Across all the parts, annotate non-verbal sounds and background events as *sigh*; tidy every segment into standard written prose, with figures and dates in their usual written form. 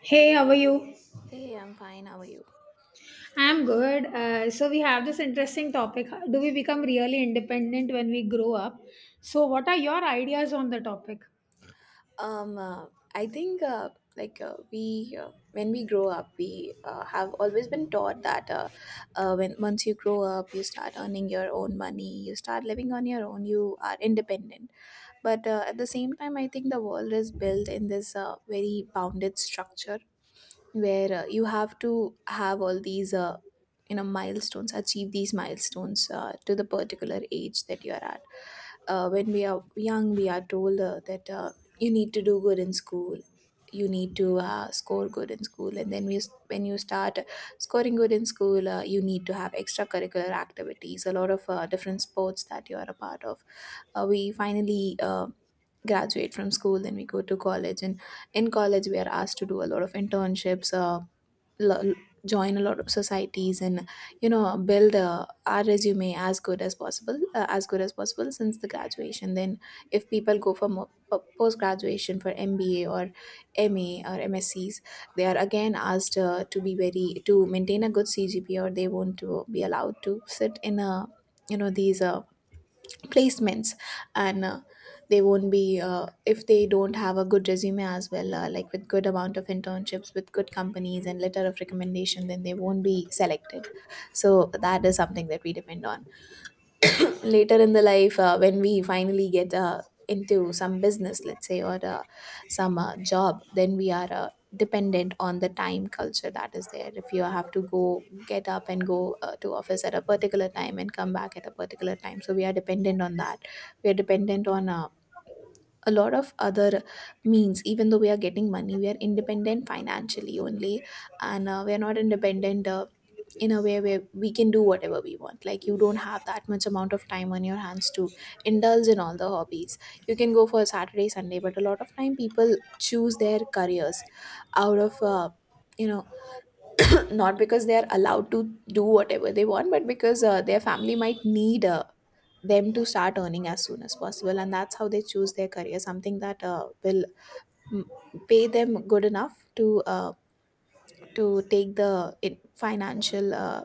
Hey, how are you? Hey, I'm fine. How are you? I'm good. So we have this interesting topic. Do we become really independent when we grow up? So what are your ideas on the topic? Um, uh, I think like we, when we grow up, we have always been taught that when once you grow up, you start earning your own money, you start living on your own, you are independent. But at the same time, I think the world is built in this very bounded structure where you have to have all these milestones, achieve these milestones to the particular age that you are at. Uh, when we are young we are told that you need to do good in school, you need to score good in school, and when you start scoring good in school you need to have extracurricular activities, a lot of different sports that you are a part of. Uh, we finally graduate from school, then we go to college, and in college we are asked to do a lot of internships, lo- join a lot of societies and build our resume as good as possible as good as possible since the graduation. Then if people go for post graduation for MBA or MA or MScs, they are again asked to be very to maintain a good CGPA, or they won't to be allowed to sit in a these placements. And they won't be if they don't have a good resume as well, like with good amount of internships with good companies and letter of recommendation, then they won't be selected. So that is something that we depend on later in the life. Uh, when we finally get into some business, let's say, or some job, then we are dependent on the time culture that is there. If you have to go get up and go to office at a particular time and come back at a particular time, so we are dependent on that. We are dependent on a lot of other means. Even though we are getting money, we are independent financially only, and we are not independent in a way where we can do whatever we want. Like, you don't have that much amount of time on your hands to indulge in all the hobbies. You can go for Saturday, Sunday, but a lot of time people choose their careers out of you know not because they are allowed to do whatever they want, but because their family might need them to start earning as soon as possible, and that's how they choose their career, something that will mm, pay them good enough to to take the financial uh,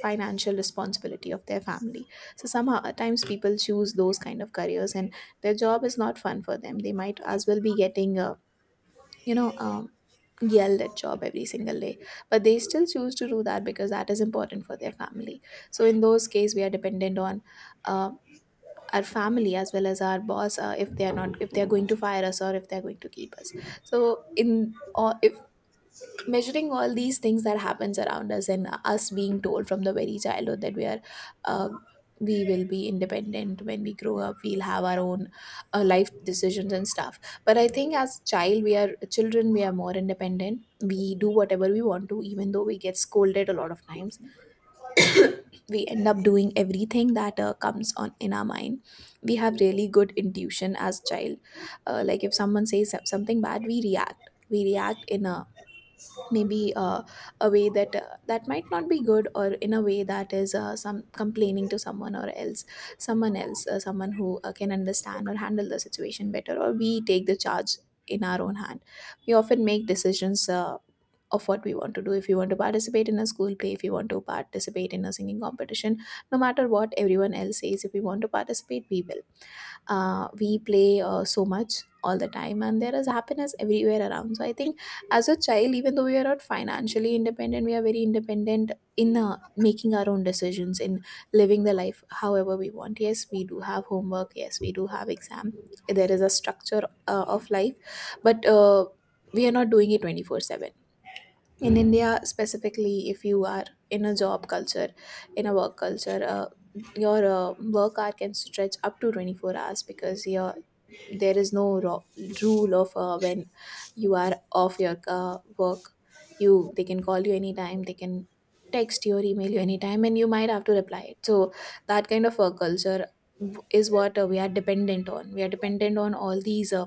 financial responsibility of their family. So somehow at times people choose those kind of careers, and their job is not fun for them. They might as well be getting you know um, yelled at job every single day, but they still choose to do that because that is important for their family. So in those cases, we are dependent on uh, our family as well as our boss, if they are going to fire us or if they are going to keep us. So in or measuring all these things that happens around us, and us being told from the very childhood that uh, we will be independent when we grow up, we'll have our own life decisions and stuff. But I think as children we are more independent. We do whatever we want to, even though we get scolded a lot of times. We end up doing everything that comes on in our mind. We have really good intuition as child. Uh, like if someone says something bad, we react in a maybe, a way that that might not be good, or in a way that is some complaining to someone or else, someone else, someone who can understand or handle the situation better, or we take the charge in our own hand. We often make decisions of what we want to do. If you want to participate in a school play, if you want to participate in a singing competition, no matter what everyone else says, if we want to participate, we will. Uh, we play so much all the time, and there is happiness everywhere around. So I think as a child, even though we are not financially independent, we are very independent in making our own decisions, in living the life however we want. Yes, we do have homework, yes, we do have exam, there is a structure of life, but we are not doing it 24/7. In India specifically, if you are in a job culture, in a work culture, your work hour can stretch up to 24 hours, because your there is no rule of when you are off your work. You they can call you anytime, they can text you or email you anytime, and you might have to reply it. So that kind of work culture is what we are dependent on. We are dependent on uh,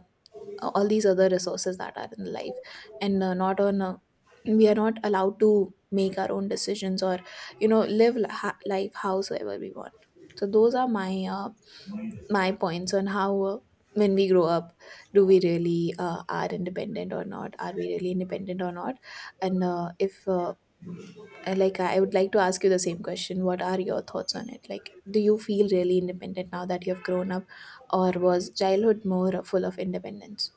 uh, all these other resources that are in life, and not on we are not allowed to make our own decisions, or live life howsoever we want. So those are my points on how, when we grow up, do we really are independent or not are we really independent or not. And if like I would like to ask you the same question: what are your thoughts on it? Like, do you feel really independent now that you have grown up, or was childhood more full of independence?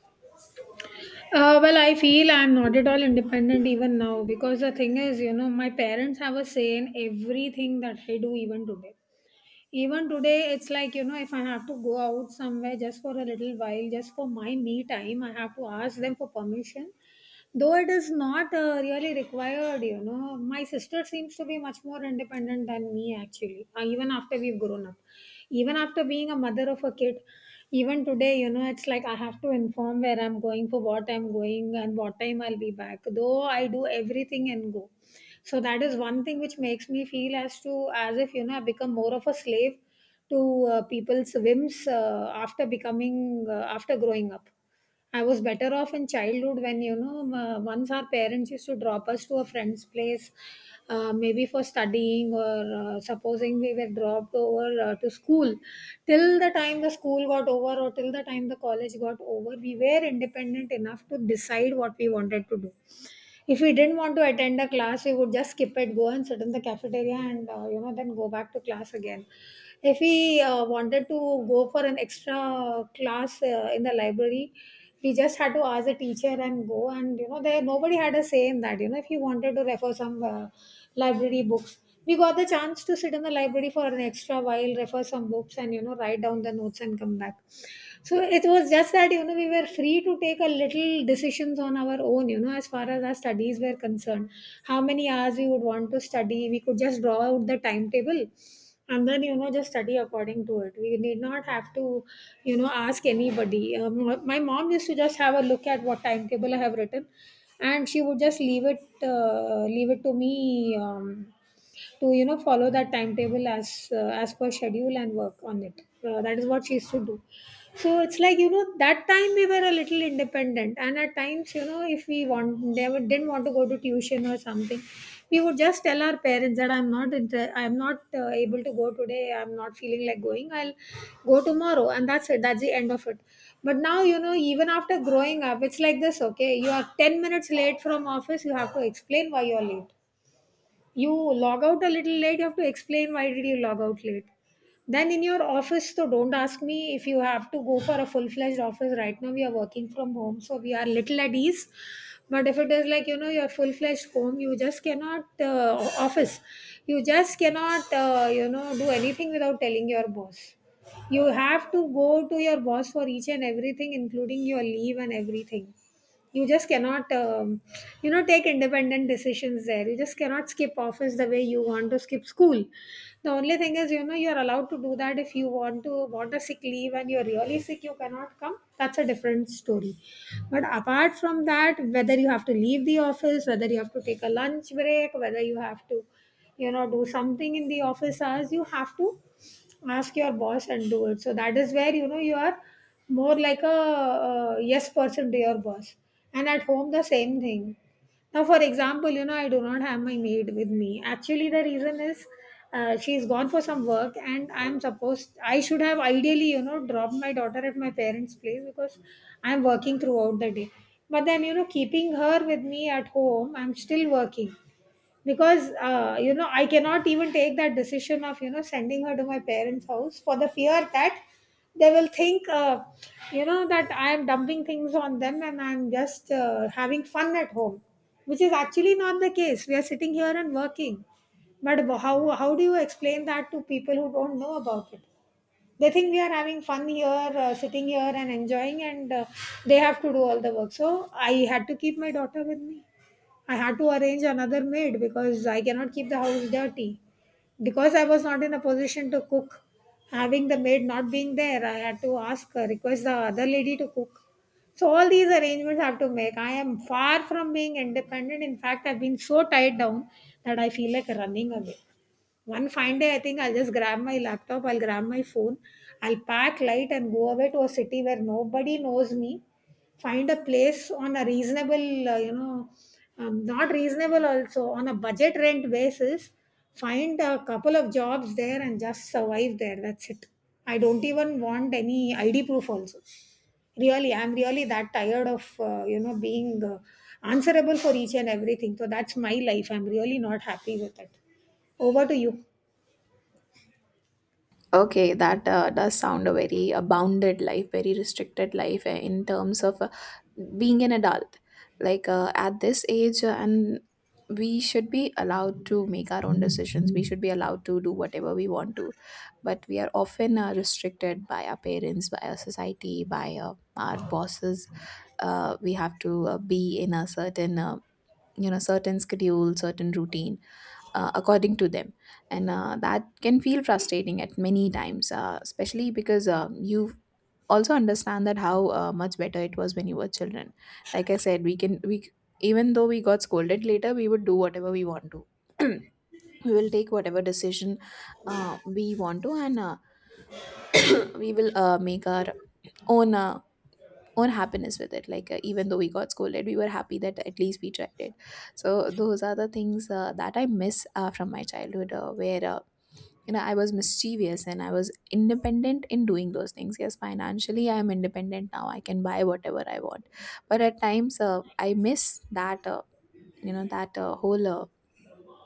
Well, I feel I'm not at all independent even now because the thing is, you know, my parents have a say in everything that I do even today. Even today, it's like, you know, if I have to go out somewhere just for a little while, just for my me time, I have to ask them for permission though it is not really required. You know, my sister seems to be much more independent than me actually, even after we've grown up, even after being a mother of a kid. Even today, you know, it's like I have to inform where I'm going, for what I'm going and what time I'll be back, though I do everything and go. So that is one thing which makes me feel as to as if, you know, I become more of a slave to people's whims after becoming after growing up. I was better off in childhood when, you know, once our parents used to drop us to a friend's place, maybe for studying, or supposing we were dropped over to school. Till the time the school got over, or till the time the college got over, we were independent enough to decide what we wanted to do. If we didn't want to attend a class, we would just skip it, go and sit in the cafeteria and, you know, then go back to class again if we wanted to go for an extra class in the library. We just had to ask the teacher and go, and you know, there nobody had a say in that. You know, if you wanted to refer some library books, we got the chance to sit in the library for an extra while, refer some books and, you know, write down the notes and come back. So it was just that, you know, we were free to take a little decisions on our own, you know, as far as our studies were concerned. How many hours we would want to study, we could just draw out the timetable and then, you know, just study according to it. We need not have to, you know, ask anybody. Um, my mom used to just have a look at what timetable I have written, and she would just leave it, leave it to me, to, you know, follow that timetable as, as per schedule and work on it. Uh, that is what she used to do. So it's like, you know, that time we were a little independent, and at times, you know, if we want never didn't want to go to tuition or something, we would just tell our parents that I'm not able to go today, I'm not feeling like going, I'll go tomorrow, and that's it, that's the end of it. But now, you know, even after growing up, it's like this. Okay, you are 10 minutes late from office, you have to explain why you are late. You log out a little late, you have to explain why did you log out late then in your office. So don't ask me, if you have to go for a full-fledged office. Right now we are working from home, so we are little at ease. But if it is like, you know, your full-fledged home, you just cannot office. You just cannot, you know, do anything without telling your boss. You have to go to your boss for each and everything, including your leave and everything. You just cannot, you know, take independent decisions there. You just cannot skip office the way you want to skip school. The only thing is, you know, you are allowed to do that if you want to want a sick leave, and you're really sick, you cannot come, that's a different story. But apart from that, whether you have to leave the office, whether you have to take a lunch break, whether you have to, you know, do something in the office hours, you have to ask your boss and do it. So that is where, you know, you are more like a yes person to your boss. And at home, the same thing. Now for example, you know, I do not have my maid with me. Actually the reason is, she's gone for some work, and I should have ideally, you know, dropped my daughter at my parents place because I'm working throughout the day. But then, you know, keeping her with me at home, I'm still working, because, you know, I cannot even take that decision of, you know, sending her to my parents house, for the fear that they will think, you know, that I am dumping things on them and I'm just, having fun at home, which is actually not the case. We are sitting here and working. But how do you explain that to people who don't know about it? They think we are having fun here, sitting here and enjoying, and they have to do all the work. So I had to keep my daughter with me. I had to arrange another maid because I cannot keep the house dirty. Because I was not in a position to cook, having the maid not being there, I had to ask her, request the other lady to cook. So all these arrangements I have to make. I am far from being independent. In fact, I've been so tied down that I feel like running away. One fine day, I think I'll just grab my laptop, I'll grab my phone, I'll pack light and go away to a city where nobody knows me. Find a place on a reasonable, you know, not reasonable also, on a budget rent basis. Find a couple of jobs there and just survive there. That's it. I don't even want any ID proof also. Really, I'm really that tired of, you know, being answerable for each and everything. So that's my life. I'm really not happy with it. Over to you. Okay, that does sound a very bounded life, very restricted life in terms of being an adult. Like, at this age, and we should be allowed to make our own decisions. We should be allowed to do whatever we want to, but we are often restricted by our parents, by our society, by our bosses. We have to be in a certain, certain schedule, certain routine according to them, and that can feel frustrating at many times, especially because you also understand that how much better it was when you were children. Like I said, we can we c- even though we got scolded later, we would do whatever we want to. *clears throat* We will take whatever decision we want to, and *clears throat* we will make our own uh, own happiness with it. Like, even though we got scolded, we were happy that at least we tried it. So those are the things that I miss from my childhood, where I was mischievous, and I was independent in doing those things. Yes, financially I am independent now, I can buy whatever I want, but at times I miss that, that whole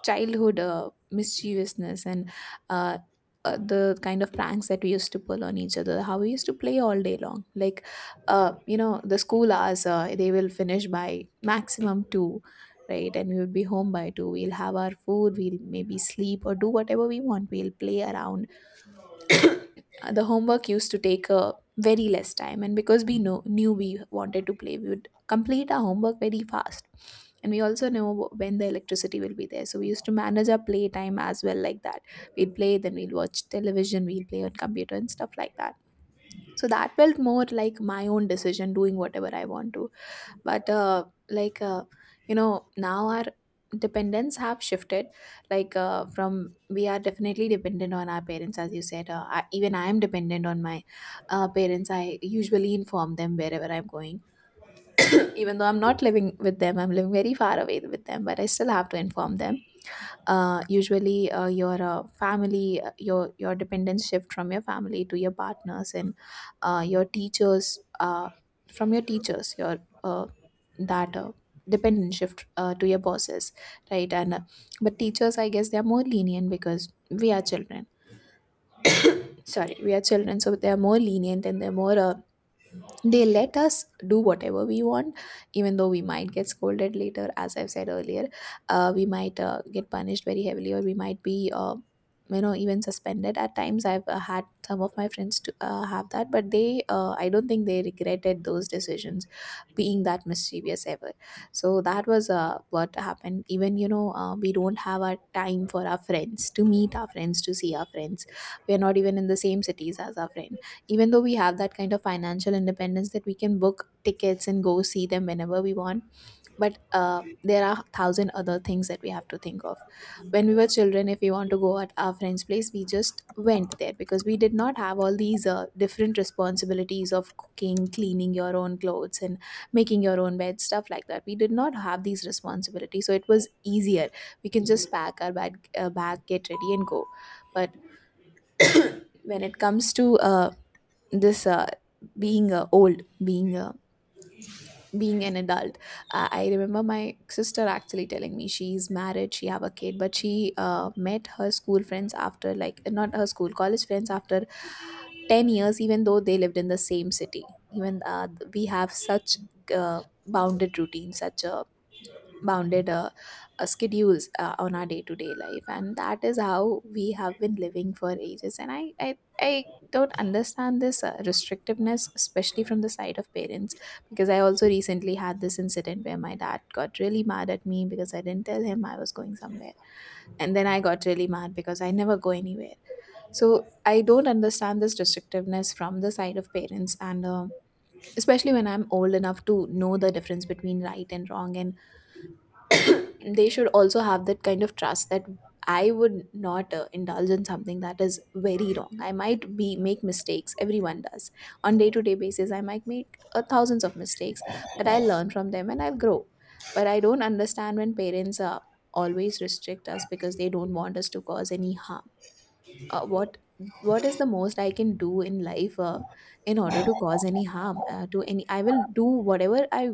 childhood mischievousness, and uh, the kind of pranks that we used to pull on each other, how we used to play all day long. Like, the school hours, they will finish by maximum 2, right? And we will be home by 2, we'll have our food, we'll maybe sleep or do whatever we want, we'll play around. Uh, the homework used to take a very less time, and because we know knew we wanted to play, we would complete our homework very fast. And we also know when the electricity will be there, so we used to manage our play time as well. Like that, we'd play, then we'll watch television, we'll play on computer and stuff like that. So that felt more like my own decision, doing whatever I want to. But like, now our dependents have shifted, like from we are definitely dependent on our parents, as you said. Uh, even I am dependent on my parents, I usually inform them wherever I'm going, even though I'm not living with them, I'm living very far away with them, but I still have to inform them. Uh, usually your family, your dependence shift from your family to your partners and your teachers. Uh, from your teachers, your uh, that dependence shift to your bosses, right? And but teachers, I guess, they are more lenient because we are children, sorry, we are children, so they are more lenient, and they let us do whatever we want, even though we might get scolded. Later, as I've said earlier, we might get punished very heavily, or we might be even suspended at times. I've had some of my friends to have that, but they I don't think they regretted those decisions, being that mischievous ever. So that was what happened. Even we don't have our time for our friends, to meet our friends, to see our friends. We're not even in the same cities as our friends. Even though we have that kind of financial independence that we can book tickets and go see them whenever we want, but there are thousand other things that we have to think of. When we were children, if we want to go at our friend's place, we just went there, because we did not have all these different responsibilities of cooking, cleaning your own clothes, and making your own bed, stuff like that. We did not have these responsibilities, so it was easier. We can just pack our bag, get ready, and go. But when it comes to this, being old, being being an adult, I remember my sister actually telling me, she's married, she have a kid, but she met her school friends after, like, not her school college friends after 10 years, even though they lived in the same city. Even we have such uh, bounded routine, such a bounded schedules on our day-to-day life, and that is how we have been living for ages. And I don't understand this restrictiveness, especially from the side of parents. Because I also recently had this incident where my dad got really mad at me because I didn't tell him I was going somewhere, and then I got really mad because I never go anywhere. So I don't understand this restrictiveness from the side of parents. And especially when I'm old enough to know the difference between right and wrong, and they should also have that kind of trust that I would not indulge in something that is very wrong. I might be make mistakes. Everyone does. On day-to-day basis, I might make thousands of mistakes, but I'll learn from them, and I'll grow. But I don't understand when parents always restrict us because they don't want us to cause any harm. What what is the most I can do in life in order to cause any harm to any I will do whatever I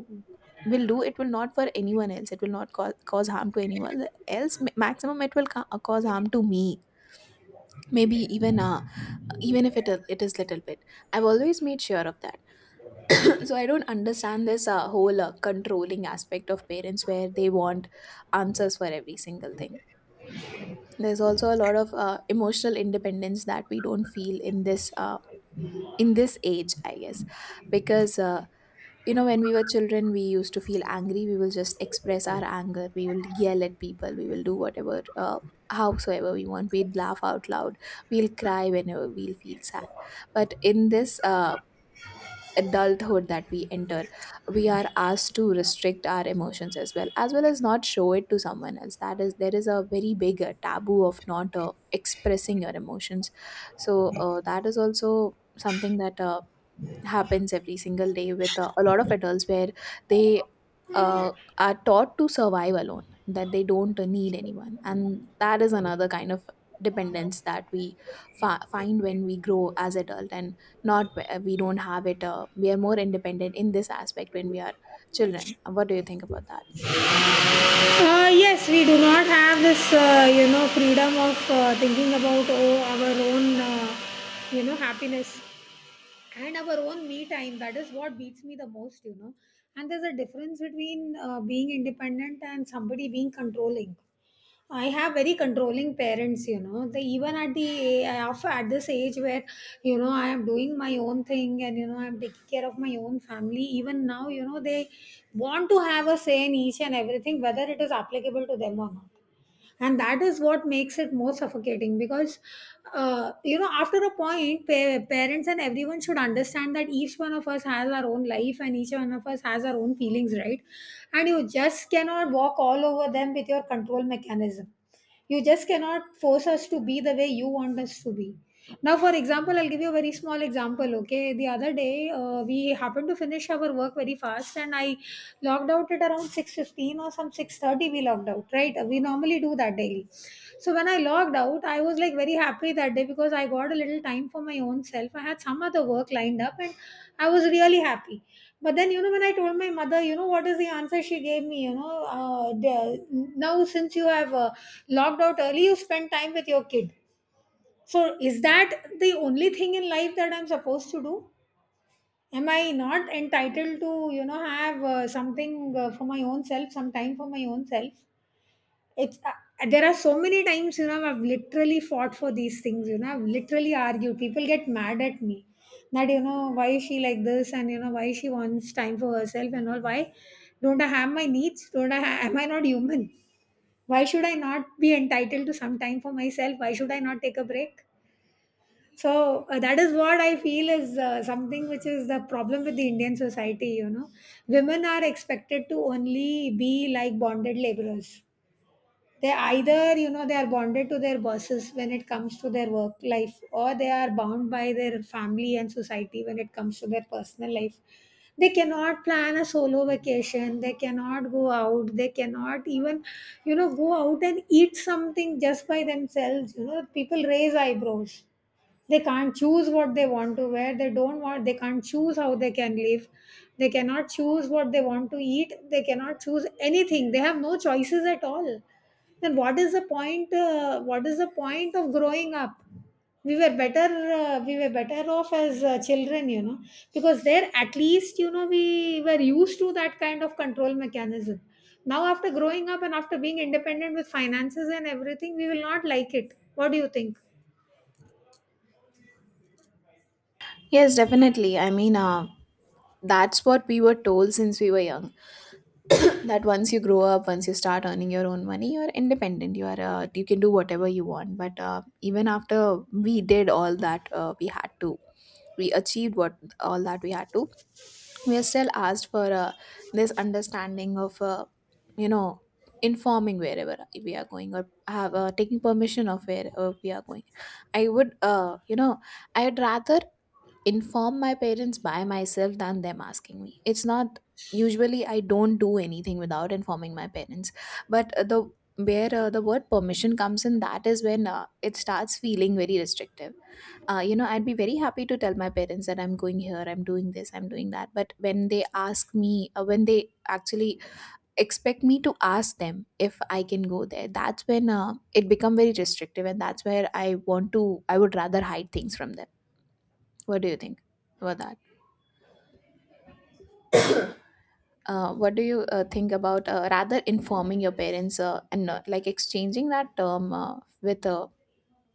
will do, it will not for anyone else, it will not cause harm to anyone else. Maximum it will cause harm to me, maybe even even if it is little bit. I've always made sure of that. *coughs* *clears throat* So I don't understand this whole controlling aspect of parents where they want answers for every single thing. There's also a lot of emotional independence that we don't feel in this age, I guess. Because when we were children, we used to feel angry, we will just express our anger, we will yell at people, we will do whatever howsoever we want, we'd laugh out loud, we'll cry whenever we'll feel sad. But in this adulthood that we enter, we are asked to restrict our emotions, as well as not show it to someone else. That is, there is a very big taboo of not expressing your emotions. So that is also something that happens every single day with a lot of adults, where they uh, are taught to survive alone, that they don't need anyone. And that is another kind of dependence that we find when we grow as adult, and not where we don't have it. We are more independent in this aspect when we are children. What do you think about that? Yes, we do not have this, you know, freedom of thinking about, oh, our own, you know, happiness and our own me time. That is what beats me the most, you know. And there's a difference between being independent and somebody being controlling. I have very controlling parents, you know. They even at the of at this age where, you know, I am doing my own thing, and you know, I'm taking care of my own family. Even now, you know, they want to have a say in each and everything, whether it is applicable to them or not, and that is what makes it more suffocating because, you know, after a point, parents and everyone should understand that each one of us has our own life and each one of us has our own feelings, right? And you just cannot walk all over them with your control mechanism. You just cannot force us to be the way you want us to be. Now for example, I'll give you a very small example. Okay, the other day, we happened to finish our work very fast, and I logged out at around 6:15 or some 6:30, we logged out, right? We normally do that daily. So when I logged out, I was like very happy that day because I got a little time for my own self, I had some other work lined up, and I was really happy. But then, you know, when I told my mother, you know what is the answer she gave me, you know? Uh, the- now since you have, logged out early, you spend time with your kid. So is that the only thing in life that I'm supposed to do? Am I not entitled to, you know, have something for my own self, some time for my own self? It's there are so many times, you know, I've literally fought for these things, you know, I've literally argued. People get mad at me that, you know, why is she like this, and you know, why she wants time for herself and all. Why don't I have my needs? Don't I ha- am I not human? Why should I not be entitled to some time for myself? Why should I not take a break? So that is what I feel is something which is the problem with the Indian society. You know, women are expected to only be like bonded laborers. They either they are bonded to their bosses when it comes to their work life, or they are bound by their family and society when it comes to their personal life. They cannot plan a solo vacation. They cannot go out. They cannot even go out and eat something just by themselves. You know, people raise eyebrows. They can't choose what they want to wear. They don't want They can't choose how they can live. They cannot choose what they want to eat. They cannot choose anything. They have no choices at all. Then what is the point, what is the point of growing up? We were better off as children, you know, because there at least, you know, we were used to that kind of control mechanism. Now, after growing up and after being independent with finances and everything, we will not like it. What do you think? Yes, definitely, I mean, that's what we were told since we were young, that once you grow up, once you start earning your own money, you're independent, you are you can do whatever you want. But even after we did all that, we had to, we achieved what all that we had to, we are still asked for this understanding of you know informing wherever we are going, or have taking permission of where we are going. I would, I would rather inform my parents by myself than them asking me. It's not, usually I don't do anything without informing my parents, but the where the word permission comes in, that is when it starts feeling very restrictive. You know, I'd be very happy to tell my parents that I'm going here, I'm doing this, I'm doing that. But when they ask me, when they actually expect me to ask them if I can go there, that's when it become very restrictive, and that's where I want to, I would rather hide things from them. What do you think about that? What do you think about rather informing your parents and like exchanging that term with,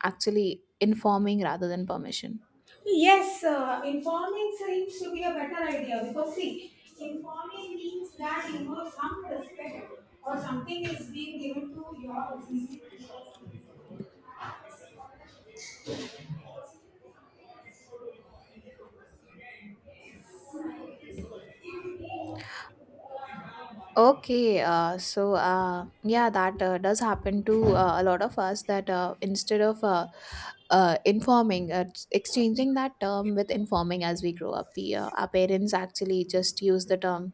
actually informing rather than permission? Yes, informing seems to be a better idea, because see, informing means that, you know, some respect or something is being given to your decision. Okay, so yeah, that does happen to a lot of us, that instead of informing, exchanging that term with informing as we grow up, we, our parents actually just use the term,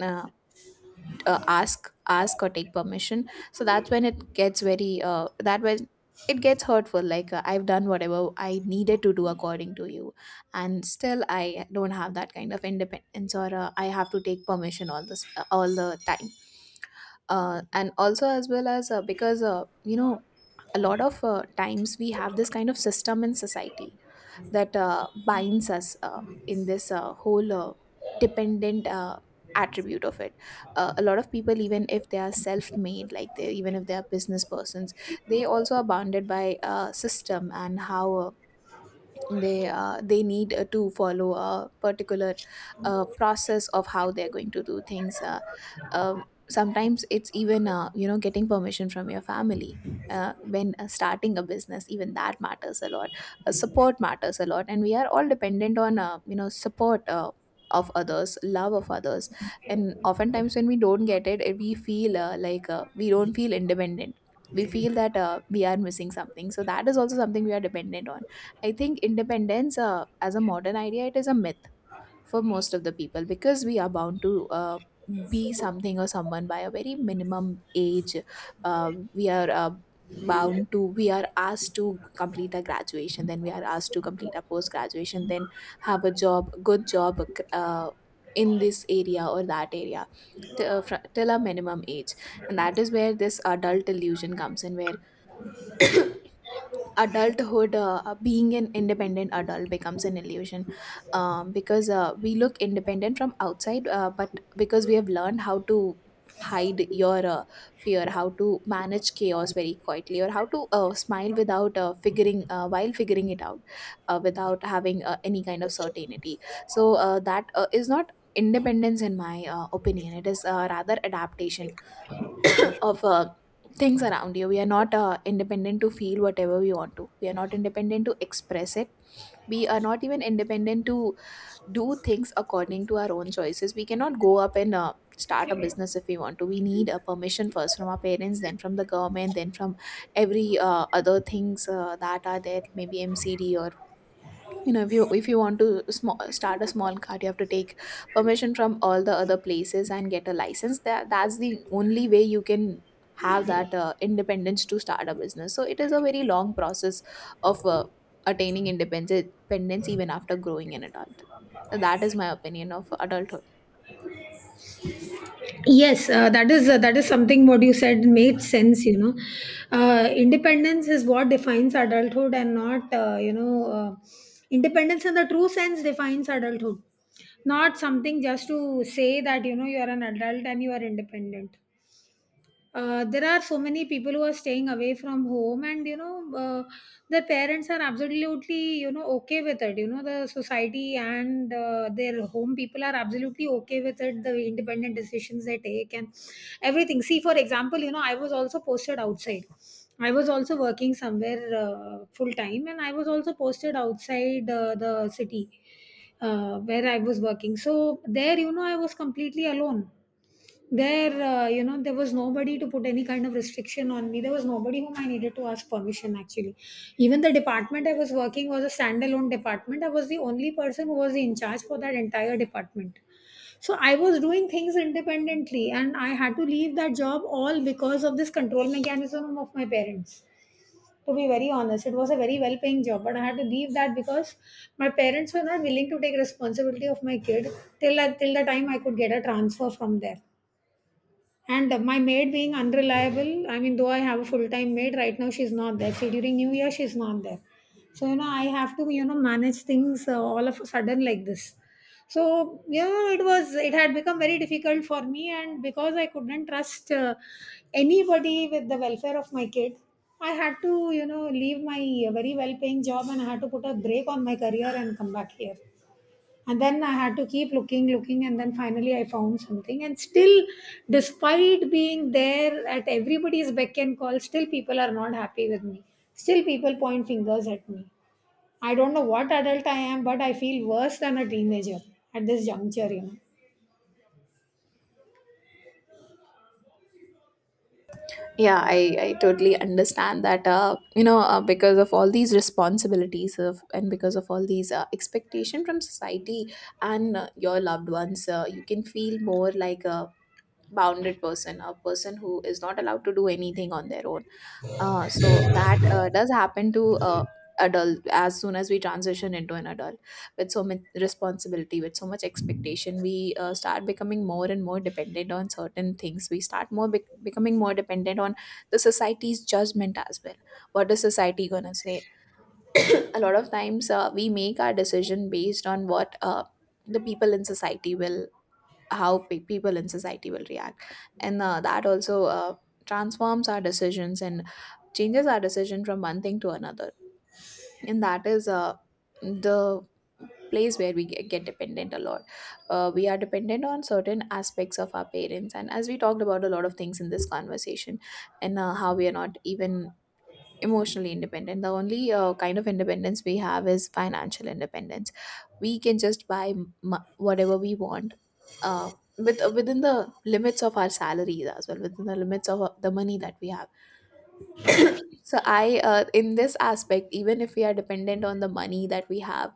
Uh, ask or take permission. So that's when it gets very that, when it gets hurtful, like, I've done whatever I needed to do according to you, and still I don't have that kind of independence, or I have to take permission all the time. And also, as well as, because you know a lot of times we have this kind of system in society that binds us in this whole dependent attribute of it. A lot of people, even if they are self-made, like they, even if they are business persons, they also are bounded by a system, and how they need to follow a particular process of how they're going to do things. Um, Sometimes it's even, getting permission from your family, when starting a business, even that matters a lot. Support matters a lot, and we are all dependent on, support of others, love of others. And oftentimes when we don't get it, we feel we don't feel independent. We feel that we are missing something, so that is also something we are dependent on. I think independence as a modern idea, it is a myth for most of the people, because we are bound to be something or someone by a very minimum age. We are bound to, we are asked to complete our graduation, then we are asked to complete our post graduation, then have a job, good job, uh, in this area or that area. Till a minimum age, and that is where this adult illusion comes in, where adulthood, being an independent adult becomes an illusion. Because we look independent from outside, but because we have learned how to hide your fear, how to manage chaos very quietly, or how to smile without figuring while figuring it out, without having any kind of certainty. So that is not independence, in my opinion it is rather adaptation of things around you. We are not independent to feel whatever we want to. We are not independent to express it. We are not even independent to do things according to our own choices. We cannot go up and start a business if we want to. We need a permission first from our parents, then from the government, then from every other things that are there, maybe MCD, or if you want to start a small cart. You have to take permission from all the other places and get a license. That's the only way you can have that independence to start a business, so it is a very long process of attaining independence even after growing an adult. That is my opinion of adulthood. Yes, that is something. What you said made sense, you know. Independence is what defines adulthood, and not, independence in the true sense defines adulthood, not something just to say that, you know, you are an adult and you are independent. There are so many people who are staying away from home, and, their parents are absolutely, you know, okay with it. You know, the society and, their home people are absolutely okay with it, the independent decisions they take and everything. See, for example, you know, I was also posted outside. I was also working somewhere full time, and I was also posted outside the city where I was working. So there, you know, I was completely alone there. You know, there was nobody to put any kind of restriction on me. There was nobody whom I needed to ask permission, actually. Even the department I was working was a standalone department. I was the only person who was in charge for that entire department. So I was doing things independently, and I had to leave that job all because of this control mechanism of my parents. To be very honest, it was a very well paying job, but I had to leave that because my parents were not willing to take responsibility of my kid till the time I could get a transfer from there, and my maid being unreliable. I mean, though I have a full time maid right now, she's not there. See, during new year she's not there. So you know, I have to, you know, manage things all of a sudden like this. So yeah, it had become very difficult for me, and because I couldn't trust anybody with the welfare of my kid, I had to, you know, leave my very well paying job, and I had to put a break on my career and come back here. And then I had to keep looking and then finally I found something, and still, despite being there at everybody's beck and call, still people are not happy with me. Still people point fingers at me. I don't know what adult I am, but I feel worse than a teenager at this juncture, you know. Yeah, I totally understand that, because of all these responsibilities and because of all these expectation from society and your loved ones, you can feel more like a bounded person, a person who is not allowed to do anything on their own. So that does happen to adult as soon as we transition into an adult. With so much responsibility, with so much expectation, we start becoming more and more dependent on certain things. We start more becoming more dependent on the society's judgment as well. What is society gonna say? A lot of times, we make our decision based on what the people in society will, how people in society will react. And that also transforms our decisions and changes our decision from one thing to another. And that is the place where we get dependent a lot. We are dependent on certain aspects of our parents, and as we talked about a lot of things in this conversation, and how we are not even emotionally independent. The only kind of independence we have is financial independence. We can just buy whatever we want, uh, within the limits of our salaries, as well within the limits of the money that we have. So I, in this aspect, even if we are dependent on the money that we have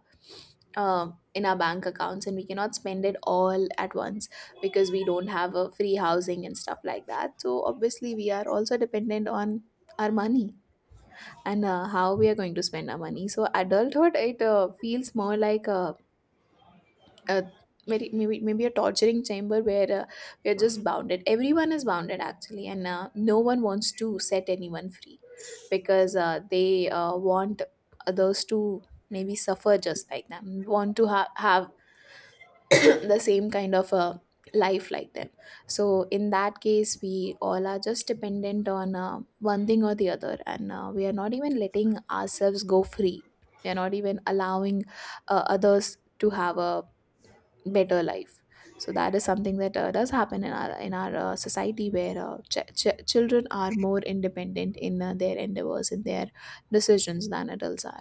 in our bank accounts, and we cannot spend it all at once because we don't have a free housing and stuff like that. So obviously, we are also dependent on our money and how we are going to spend our money. So adulthood, it feels more like a uh, maybe a torturing chamber where we are just bounded. Everyone is bounded, actually, and no one wants to set anyone free, because they want others to maybe suffer just like them, want to have *coughs* *clears throat* the same kind of life like them. So in that case, we all are just dependent on one thing or the other, and we are not even letting ourselves go free. We are not even allowing others to have a better life. So that is something that does happen in our society, where children are more independent in their endeavors, in their decisions, than adults are.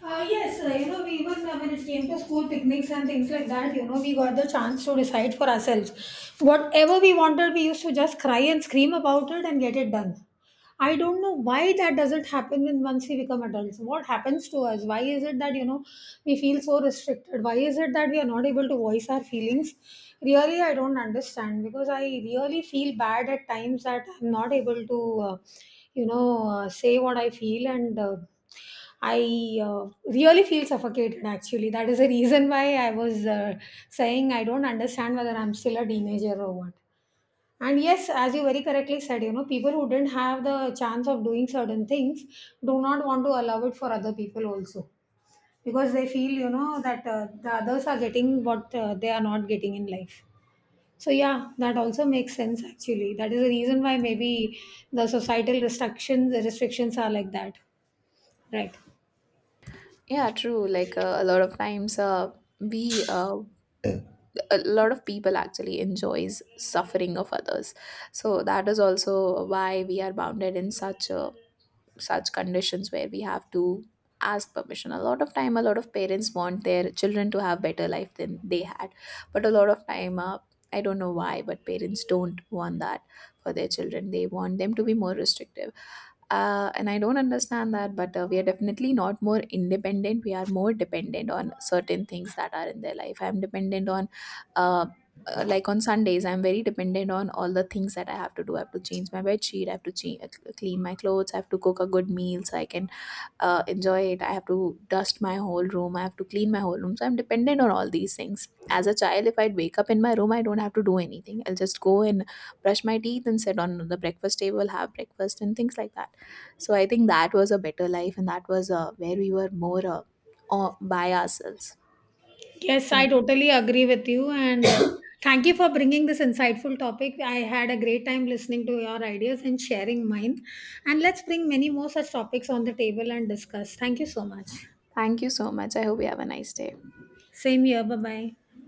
Yes, you know, we even, when it came to school picnics and things like that, you know, we got the chance to decide for ourselves. Whatever we wanted, we used to just cry and scream about it and get it done. I don't know why that doesn't happen when once we become adults. What happens to us? Why is it that, you know, we feel so restricted? Why is it that we are not able to voice our feelings? Really, I don't understand, because I really feel bad at times that I'm not able to, uh, say what I feel and. I Really feel suffocated actually. That is the reason why I was saying I don't understand whether I'm still a teenager or what. And yes, as you very correctly said, you know, people who didn't have the chance of doing certain things do not want to allow it for other people also, because they feel, you know, that the others are getting what they are not getting in life. So, yeah, that also makes sense actually. That is the reason why maybe the societal restrictions are like that. Right. Yeah, true. Like, a lot of times, we a lot of people actually enjoys suffering of others. So that is also why we are bounded in such conditions, where we have to ask permission a lot of time. A lot of parents want their children to have better life than they had, but a lot of time, I don't know why, but parents don't want that for their children. They want them to be more restrictive. And I don't understand that, but we are definitely not more independent. We are more dependent on certain things that are in their life. I'm dependent on, uh, like, on Sundays I'm very dependent on all the things that I have to do. I have to change my bed sheet, I have to clean my clothes, I have to cook a good meal so I can enjoy it, I have to dust my whole room, I have to clean my whole room. So I'm dependent on all these things. As a child, if I'd wake up in my room, I don't have to do anything. I'll just go and brush my teeth and sit on the breakfast table, have breakfast, and things like that. So I think that was a better life, and that was where we were more by ourselves. Yes, I And totally agree with you. And thank you for bringing this insightful topic. I had a great time listening to your ideas and sharing mine. And let's bring many more such topics on the table and discuss. Thank you so much. thank you so much. I hope you have a nice day. Same here. Bye bye.